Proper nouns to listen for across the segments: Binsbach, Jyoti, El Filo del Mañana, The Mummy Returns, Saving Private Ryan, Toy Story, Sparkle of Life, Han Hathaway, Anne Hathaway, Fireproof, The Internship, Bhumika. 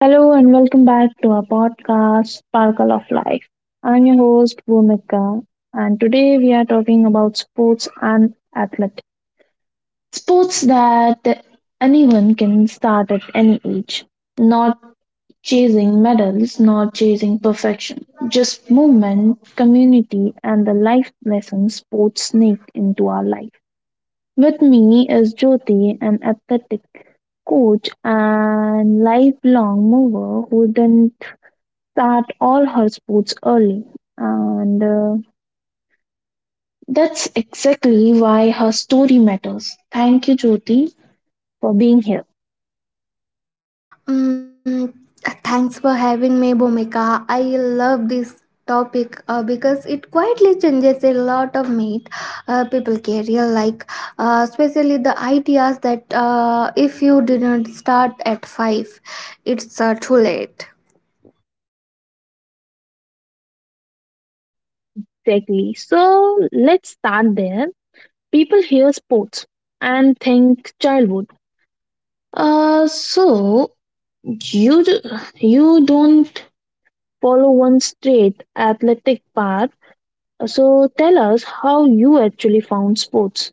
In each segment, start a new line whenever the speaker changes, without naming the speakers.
Hello and welcome back to our podcast, Sparkle of Life. I'm your host, Bhumika, and today we are talking about sports and athletics. Sports that anyone can start at any age, not chasing medals, not chasing perfection, just movement, community, and the life lessons sports sneak into our life. With me is Jyoti, an athletic coach and lifelong mover who didn't start all her sports early. And That's exactly why her story matters. Thank you, Jyoti, for being here.
Mm, Thanks for having me, Bhumika. I love this topic because it quietly changes a lot of meat people carry, like especially the ideas that if you didn't start at five, it's too late.
Exactly. So let's start there. People hear sports and think childhood. So you d- you don't follow one straight athletic path. So tell us how you actually found sports.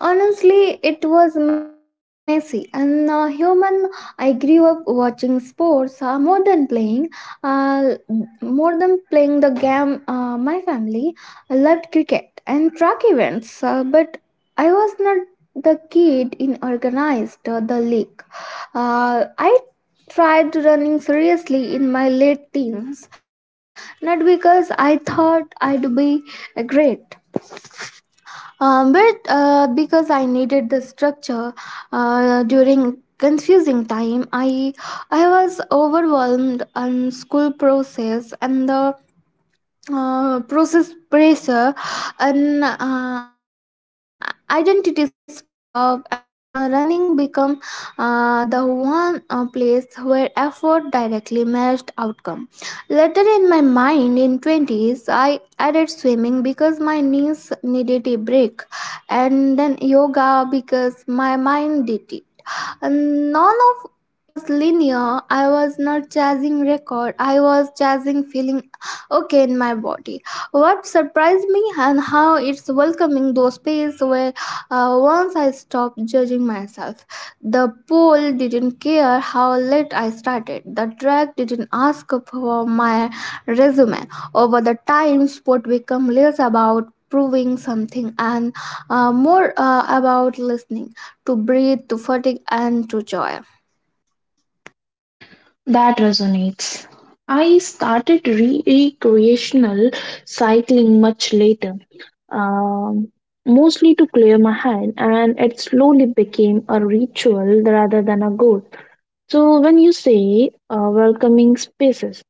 Honestly, it was messy and human. I grew up watching sports more than playing, uh, more than playing the game. My family loved cricket and track events, but I was not the kid in organized the league. I tried running seriously in my late teens, not because I thought I'd be great but because I needed the structure during confusing time, I was overwhelmed on school process and the process pressure and identity stuff and the running become the one place where effort directly matched outcome later in my mind in 20s I added swimming because my knees needed a break and then yoga because my mind did it and none of it was linear. I was not chasing record. I was chasing feeling okay in my body. What surprised me and how it's welcoming those space where once I stopped judging myself. The pole didn't care how late I started. The track didn't ask for my resume over the time sport become less about proving something and more about listening to breathe to fatigue and to joy.
That resonates. I started recreational cycling much later, um, mostly to clear my head, and it slowly became a ritual rather than a goal. So, when you say welcoming spaces,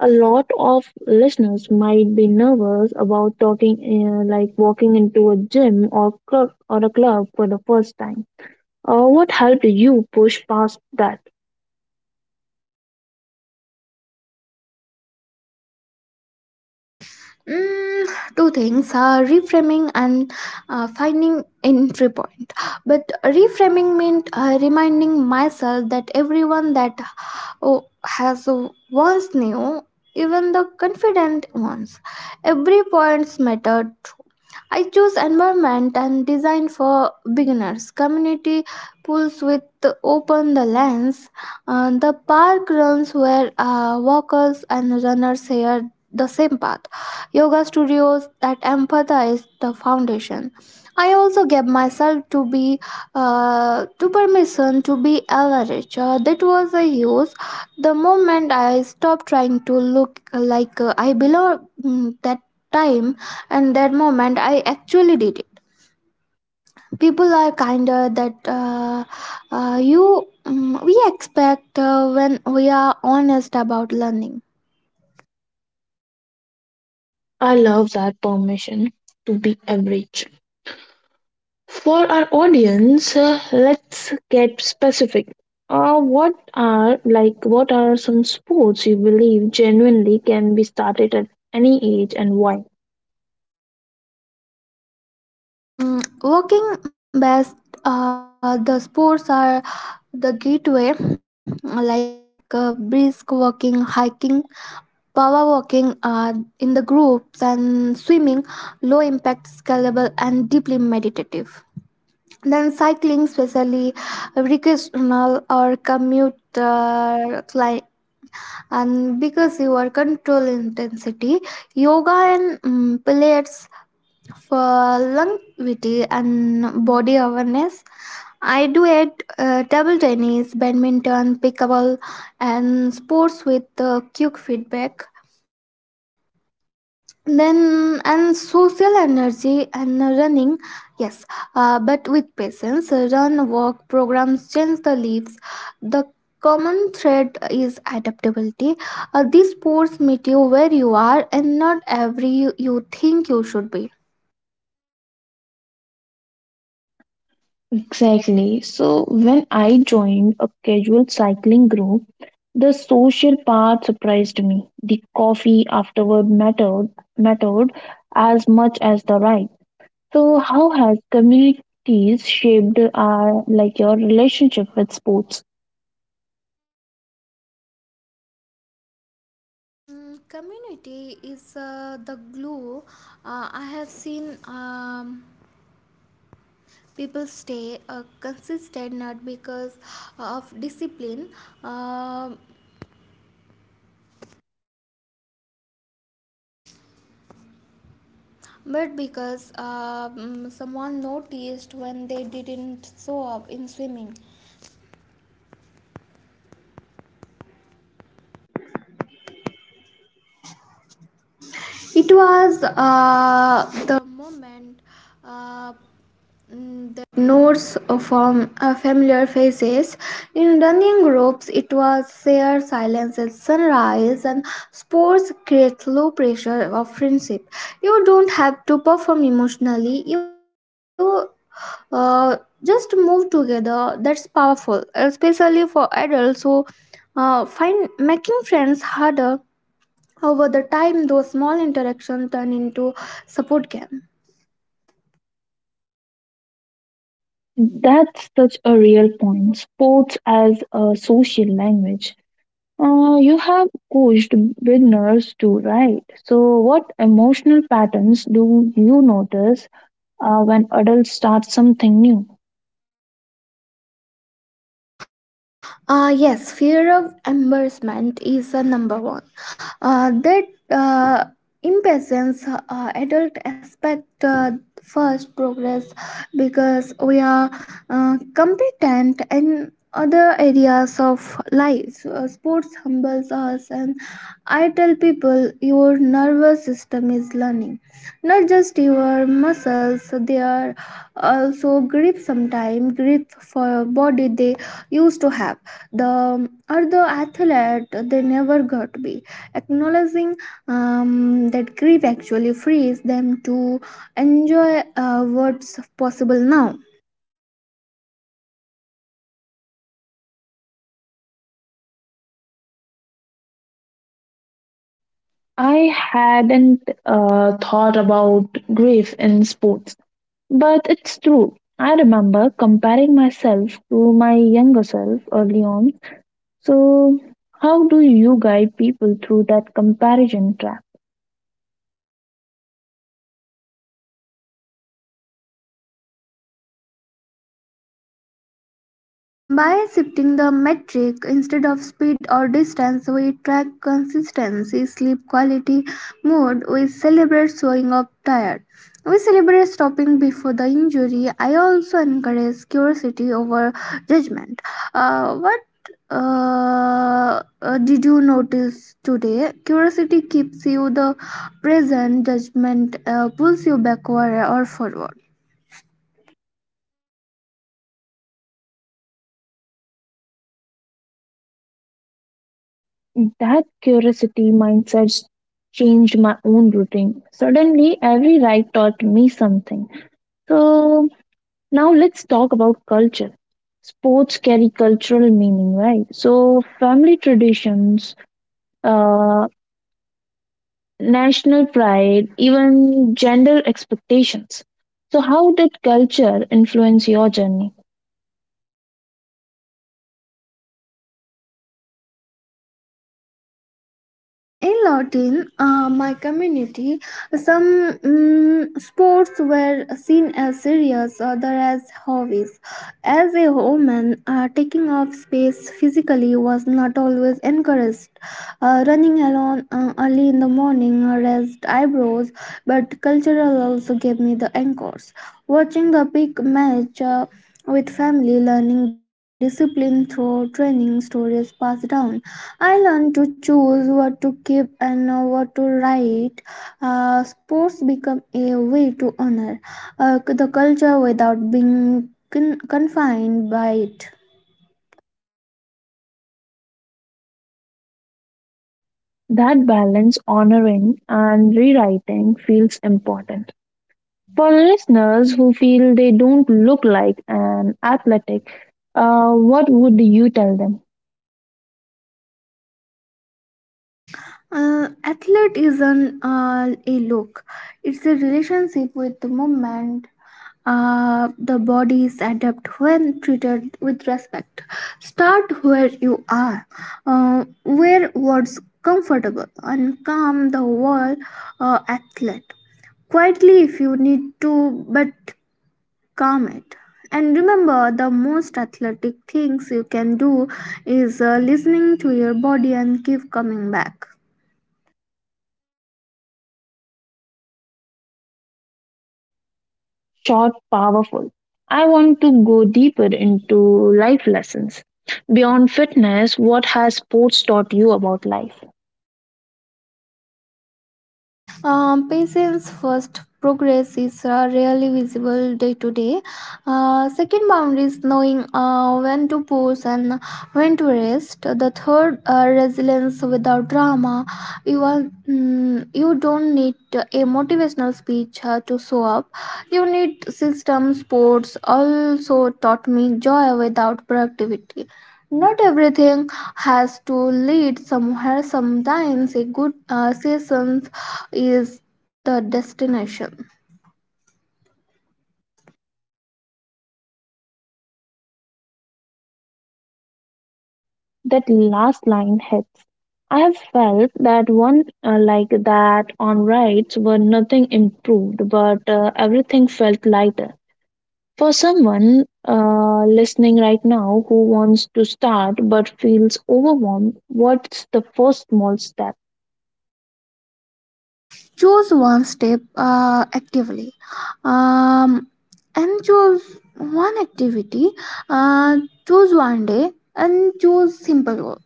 a lot of listeners might be nervous about talking, like walking into a gym or club or a club for the first time. What helped you push past that?
Mm, Two things reframing and finding entry point but reframing meant reminding myself that everyone that oh, has once knew even the confident ones every points mattered. I chose environment and design for beginners. Community pools with open the lands. The park runs where walkers and runners share the same path. Yoga studios that emphasize the foundation. I also gave myself to be to permission to be average. That was a use. The moment I stopped trying to look like I belong that time and that moment I actually did it. People are kinder that you we expect when we are honest about learning.
I love that permission to be average. For our audience, let's get specific. What are some sports you believe genuinely can be started at any age and why?
Working best the sports are the gateway like brisk walking hiking power walking in the groups and swimming low impact scalable and deeply meditative. Then cycling, especially recreational or commuter and because you are control intensity, yoga and pilates for longevity and body awareness. I do it table tennis, badminton, pickleball, and sports with quick feedback then and social energy and running yes but with patience run walk programs change the leaves the common thread is adaptability. These sports meet you where you are and not every you think you should be.
Exactly. So when I joined a casual cycling group, the social part surprised me. The coffee afterward mattered as much as the ride. So how has communities shaped our like your relationship with sports?
Community is the glue. I have seen people stay consistent not because of discipline, um but because someone noticed when they didn't show up in swimming, it was the moment uh, the Norse form familiar faces. In running ropes, it was sheer silence at sunrise, and sports create low pressure of friendship. You don't have to perform emotionally. You uh, just move together. That's powerful, especially for adults who find making friends harder over the time. Those small interactions turn into support game.
That's such a real point. Sports as a social language. You have coached beginners too, right? So, what emotional patterns do you notice when adults start something new?
Yes, fear of embarrassment is number one. That uh, impatience adult expect first progress because we are competent in other areas of life. Sports humbles us, and I tell people your nervous system is learning, not just your muscles. They are also grip sometime grip for body they used to have the or the athlete they never got to be acknowledging that grief actually frees them to enjoy what's possible now.
I hadn't thought about grief in sports, but it's true. I remember comparing myself to my younger self early on. So, how do you guide people through that comparison trap?
By shifting the metric instead of speed or distance, we track consistency, sleep quality, mood. We celebrate showing up tired. We celebrate stopping before the injury. I also encourage curiosity over judgment. What did you notice today? Curiosity keeps you the present, judgment pulls you backward or forward.
That curiosity mindset changed my own routine. Suddenly, every ride taught me something. So, now let's talk about culture. Sports carry cultural meaning, right? So, family traditions, uh, national pride, even gender expectations. So, how did culture influence your journey?
In Latin, my community, some sports were seen as serious, other as hobbies. As a woman, taking up space physically was not always encouraged. Running alone early in the morning raised eyebrows, but cultural also gave me the anchors. Watching the big match with family, learning discipline through training stories passed down. I learned to choose what to keep and what to write. Sports become a way to honor the culture without being confined by it.
That balance, honoring and rewriting, feels important. For listeners who feel they don't look like an athletic, what would you tell them?
Athlete is an a look. It's a relationship with the moment. The body is adept when treated with respect. Start where you are, where what's comfortable, and calm the wall. Athlete quietly if you need to, but calm it. And remember, the most athletic things you can do is listening to your body and keep coming back.
Short, powerful. I want to go deeper into life lessons. Beyond fitness, what has sports taught you about life?
Patients first progress is rarely visible day to day. Second boundary is knowing when to pause and when to rest. The third resilience without drama. You are you don't need a motivational speech to show up. You need system sports. Also taught me joy without productivity. Not everything has to lead somewhere. Sometimes a good season is the destination.
That last line hits. I have felt that one like that on rides where nothing improved, but everything felt lighter. For someone listening right now who wants to start but feels overwhelmed, what's the first small step?
Choose one step actively, um, and choose one activity, uh, choose one day and choose simple work.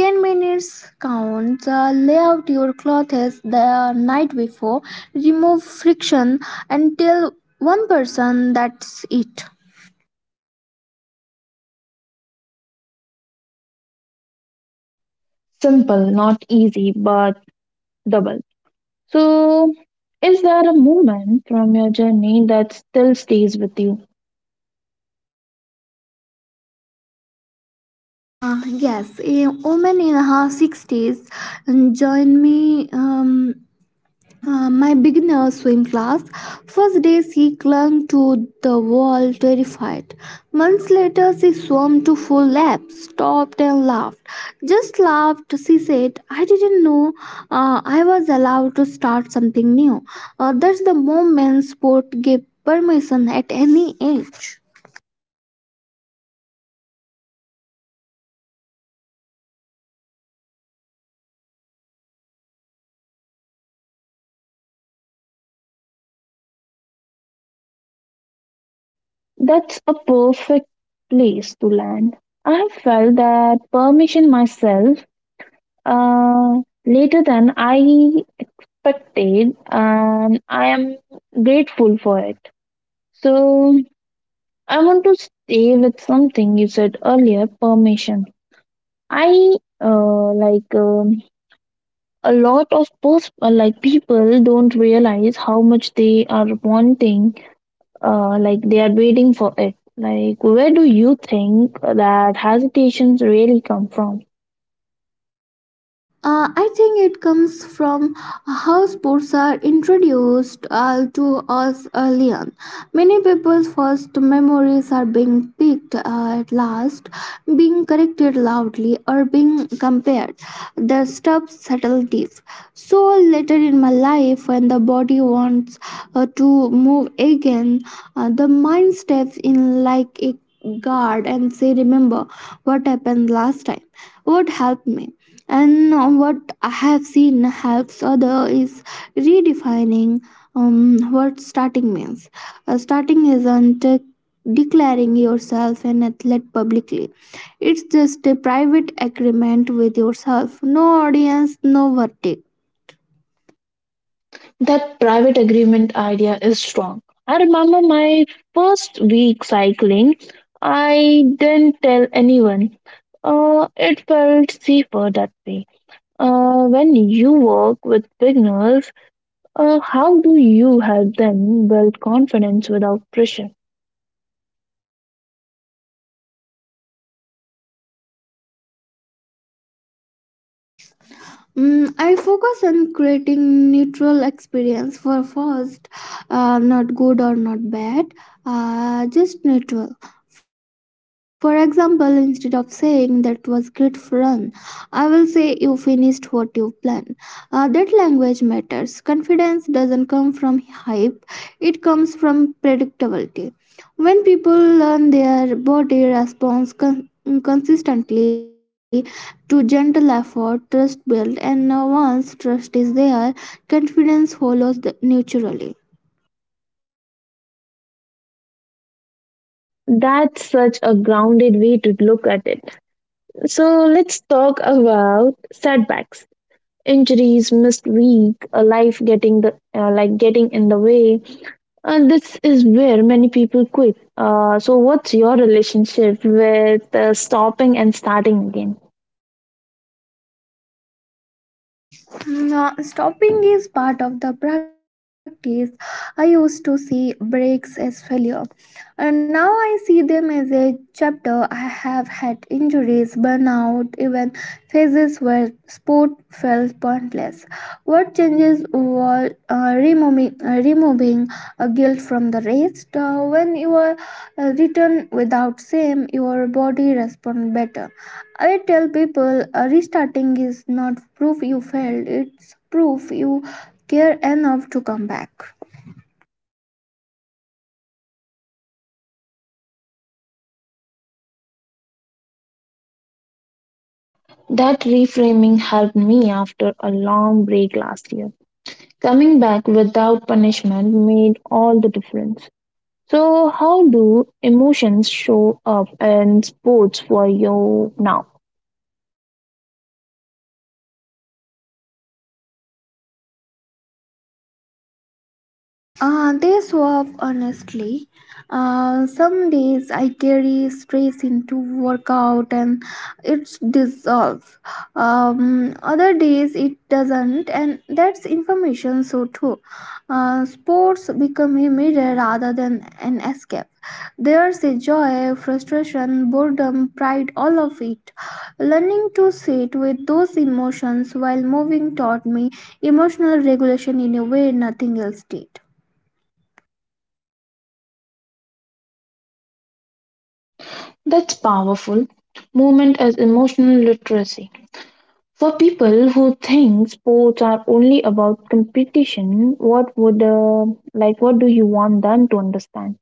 10 minutes counts. Lay out your clothes the night before, remove friction, and tell one person. That's it.
Simple, not easy, but double. So, is there a moment from your journey that still stays with you?
Yes, a woman in her 60s joined me my beginner swim class. First day she clung to the wall terrified. Months later she swam to full laps, stopped and laughed. Just laughed, she said, "I didn't know I was allowed to start something new." That's the moment sport gave permission at any age.
That's a perfect place to land. I have felt that permission myself uh, later than I expected, and I am grateful for it. So, I want to stay with something you said earlier permission. I like A lot of post like people don't realize how much they are wanting they are waiting for it. Like, where do you think that hesitations really come from?
I think it comes from how sports are introduced to us early on. Many people's first memories are being picked at last, being corrected loudly, or being compared. The stuff settled deep. So later in my life, when the body wants to move again, the mind steps in like a guard and say, "Remember what happened last time." What helped me? And what I have seen helps other is redefining what starting means. Starting isn't declaring yourself an athlete publicly. It's just a private agreement with yourself. No audience, no verdict.
That private agreement idea is strong. I remember my first week cycling, I didn't tell anyone. It felt safer that way. When you work with beginners, how do you help them build confidence without pressure?
I focus on creating neutral experience for first, not good or not bad, just neutral. For example, instead of saying that was great fun, I will say you finished what you planned. That language matters. Confidence doesn't come from hype; it comes from predictability. When people learn their body response consistently, to gentle effort, trust built, and once trust is there, confidence follows naturally.
That's such a grounded way to look at it. So let's talk about setbacks, injuries, missed week, a life getting the like getting in the way. This is where many people quit. So what's your relationship with stopping and starting again?
Stopping is part of the practice. I used to see breaks as failure. And now I see them as a chapter. I have had injuries, burnout, even phases where sport felt pointless. What changes was removing guilt from the race. When you are written without shame, your body responds better. I tell people restarting is not proof you failed, it's proof you care enough to come back.
That reframing helped me after a long break last year. Coming back without punishment made all the difference. So, how do emotions show up in sports for you now?
They swap honestly. Some days I carry stress into workout and it dissolves. Other days it doesn't, and that's information so too. Sports become a mirror rather than an escape. There's a joy, frustration, boredom, pride, all of it. Learning to sit with those emotions while moving taught me emotional regulation in a way nothing else did.
That's powerful. Movement as emotional literacy. For people who think sports are only about competition, what would like what do you want them to understand?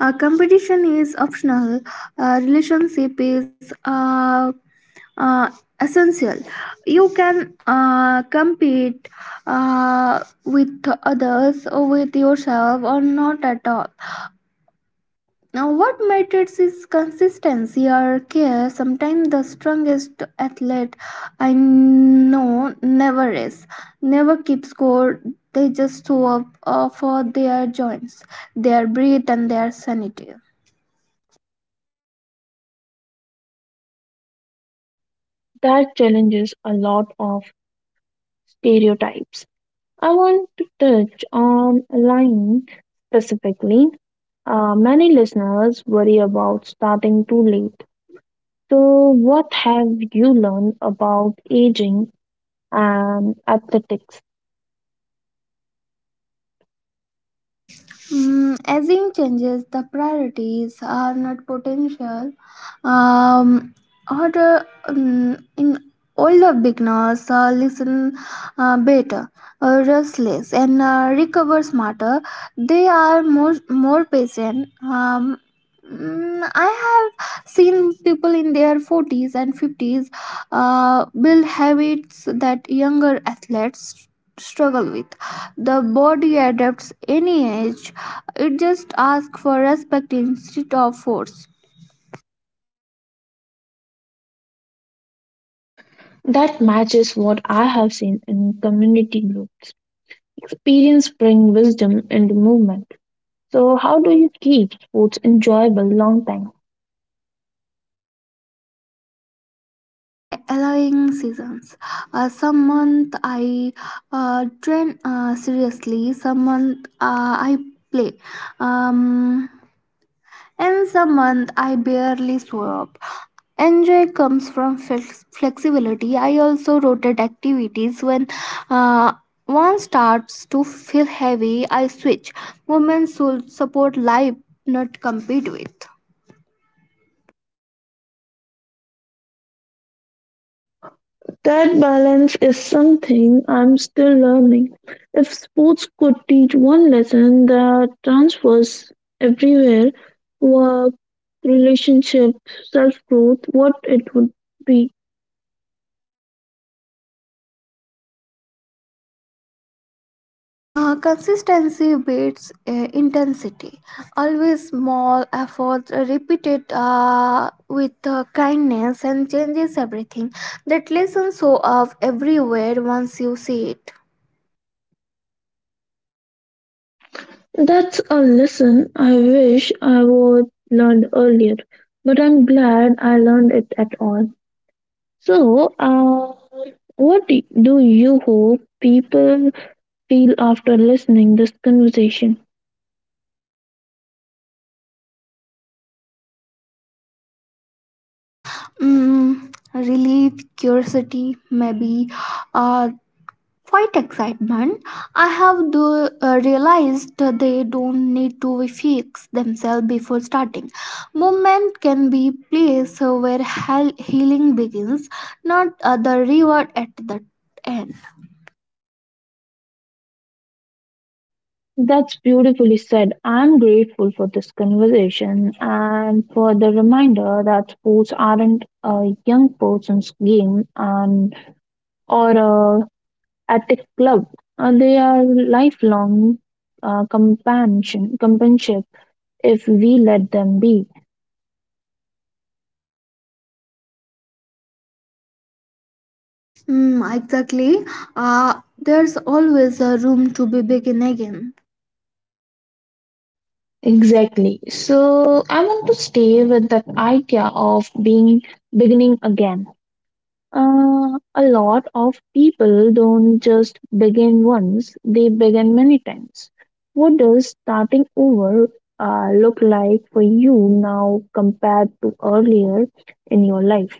Competition is optional. Relationship is uh, essential. You can compete with others or with yourself or not at all. Now, what matters is consistency or care. Sometimes the strongest athlete I know never is, never keep score. They just show up for their joints, their breath, and their sanity.
That challenges a lot of stereotypes. I want to touch on line specifically. Many listeners worry about starting too late. So, what have you learned about aging and athletics?
Asing changes, the priorities are not potential. Um, or uh, in older beginners listen better, restless, and recover smarter. They are more patient. I have seen people in their 40s and 50s build habits that younger athletes struggle with. The body adapts any age. It just asks for respect instead of force.
That matches what I have seen in community groups. Experience bring wisdom into movement. So, how do you keep sports enjoyable long time?
By allowing seasons, some month I train seriously. Some month I play, um, in some month I barely show up. Enjoy comes from flexibility. I also rotate activities when uh, one starts to feel heavy. I switch. Movement should support life, not compete with.
That balance is something I'm still learning. If sports could teach one lesson that transfers everywhere, work, relationship, self growth, what it would be.
Consistency beats intensity. Always small efforts repeated with kindness and changes everything. That lesson show up everywhere once you see it.
That's a lesson I wish I would learned earlier, but I'm glad I learned it at all. So, what do do you hope people feel after listening this conversation?
Relief, curiosity, maybe uh, quite excitement. I have realized that they don't need to fix themselves before starting. Movement can be place where healing begins, not the reward at the end.
That's beautifully said. I'm grateful for this conversation and for the reminder that sports aren't a young person's game and or a attic club. They are lifelong companionship if we let them be.
Exactly. Uh, there's always a room to be begin again.
Exactly. So I want to stay with that idea of being beginning again. A lot of people don't just begin once, they begin many times. What does starting over look like for you now compared to earlier in your life?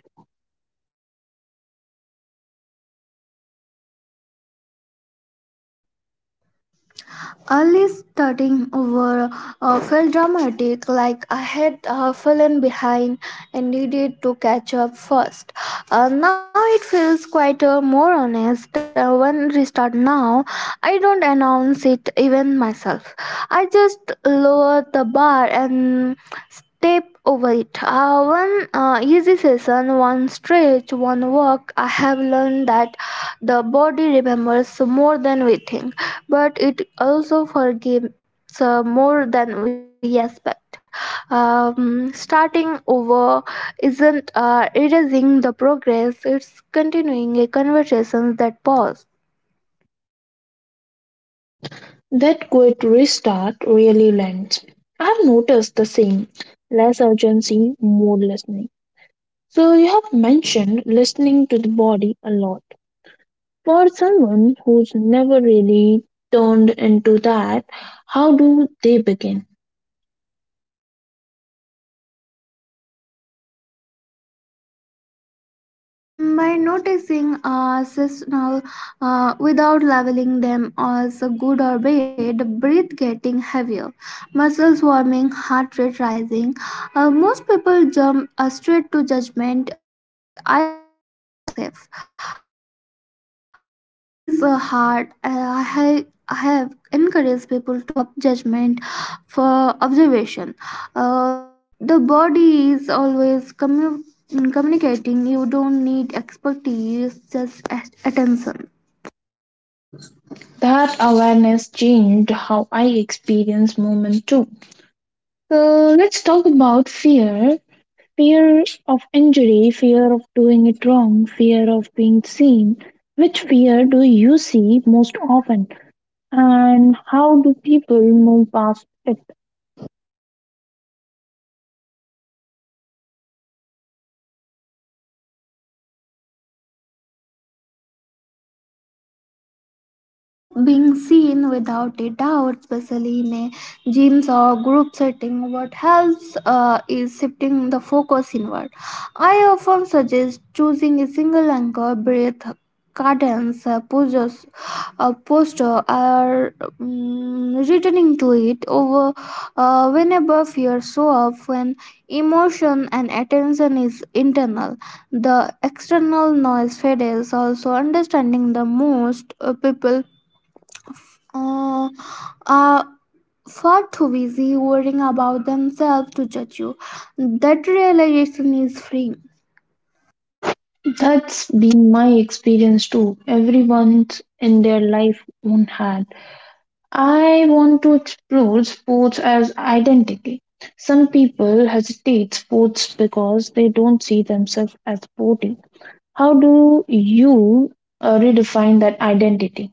Early starting over felt dramatic, like I had fallen behind and needed to catch up first. Now it feels quite more honest. When restart now, I don't announce it even myself. I just lower the bar and step over it. One easy session, one stretch, one walk. I have learned that the body remembers more than we think, but it also forgives more than we expect. Starting over isn't erasing the progress, it's continuing a conversation that paused.
That quick restart really lands. I've noticed the same, less urgency, more listening. So, you have mentioned listening to the body a lot. For someone who's never really turned into that, how do they begin?
By noticing seasonal without labeling them as good or bad, breath getting heavier, muscles warming, heart rate rising. Most people jump straight to judgment. I am out of safe. Uh, This is a hard. I have encouraged people to swap judgment for observation. Uh, the body is always communicating. You don't need expertise, just attention.
That awareness changed how I experience movement too. So let's talk about fear, fear of injury, fear of doing it wrong, fear of being seen. Which fear do you see most often, and how do people move past it?
Mm, Fear of being seen without a doubt, especially in a gyms or group setting, what helps is shifting the focus inward. I often suggest choosing a single anchor, breath, cadence, poses, posture, or returning to it over whenever fear show up. When emotion and attention is internal the external noise fade is also understanding the most people uh, are far too busy worrying about themselves to judge you. That realization is free.
That's been my experience too. Everyone's in their life own had. I want to explore sports as identity. Some people hesitate sports because they don't see themselves as sporty. How do you redefine that identity?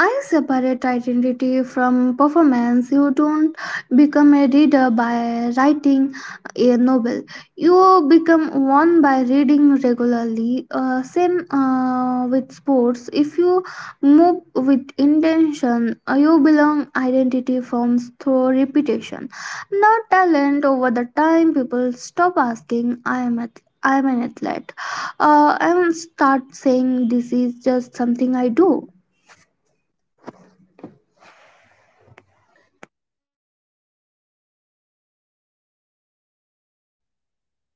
I separate identity from performance. You don't become a reader by writing a novel. You become one by reading regularly. Same with sports. If you move with intention, you belong. Identity forms through repetition, not talent. Over the time, people stop asking, "I am at." I'm an athlete. And start saying this is just something I do.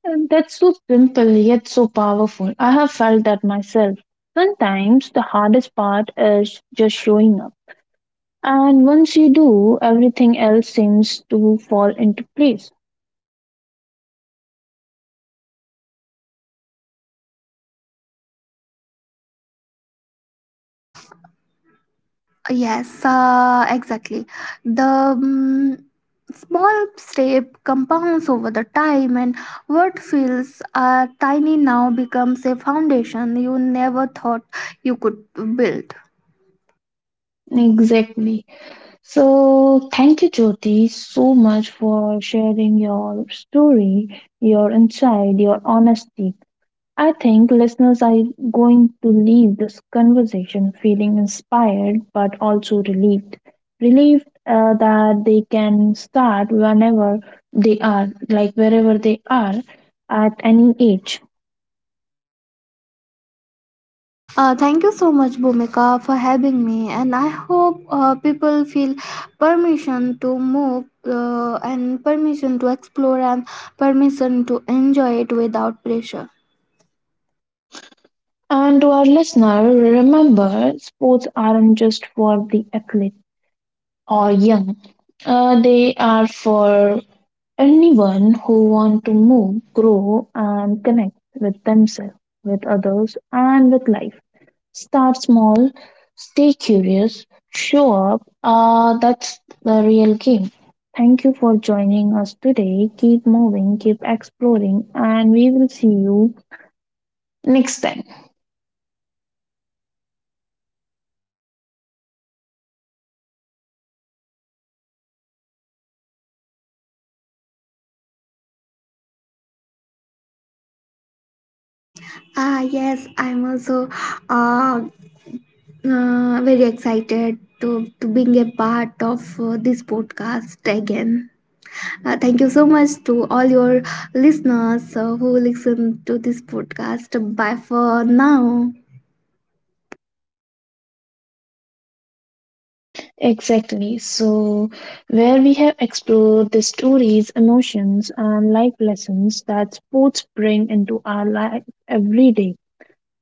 And that's so simple yet so powerful. I have felt that myself. Sometimes the hardest part is just showing up. And once you do, everything else seems to fall into place.
Yes, exactly. The mm small step compounds over the time, and what feels tiny now becomes a foundation you never thought you could build.
Exactly. So, thank you, Jyoti, so much for sharing your story, your insight, your honesty. I think listeners are going to leave this conversation feeling inspired but also relieved. Relieved that they can start whenever they are, like wherever they are at any age.
Thank you so much, Bhumika, for having me, and I hope people feel permission to move and permission to explore and permission to enjoy it without pressure.
And to our listener, remember sports aren't just for the athlete or young. They are for anyone who want to move, grow, and connect with themselves, with others, and with life. Start small, stay curious, show up. That's the real game. Thank you for joining us today. Keep moving, keep exploring, and we will see you next time.
Ah, yes, I'm also uh, very excited to, being a part of this podcast again. Thank you so much to all your listeners who listen to this podcast. Bye for now.
Exactly. So, where we have explored the stories, emotions, and life lessons that sports bring into our life every day.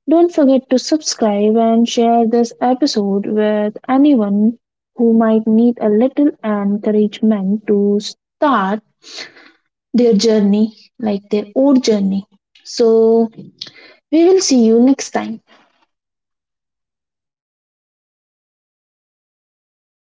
Don't forget to subscribe and share this episode with anyone who might need a little encouragement to start their journey, like their own journey. So, we will see you next time.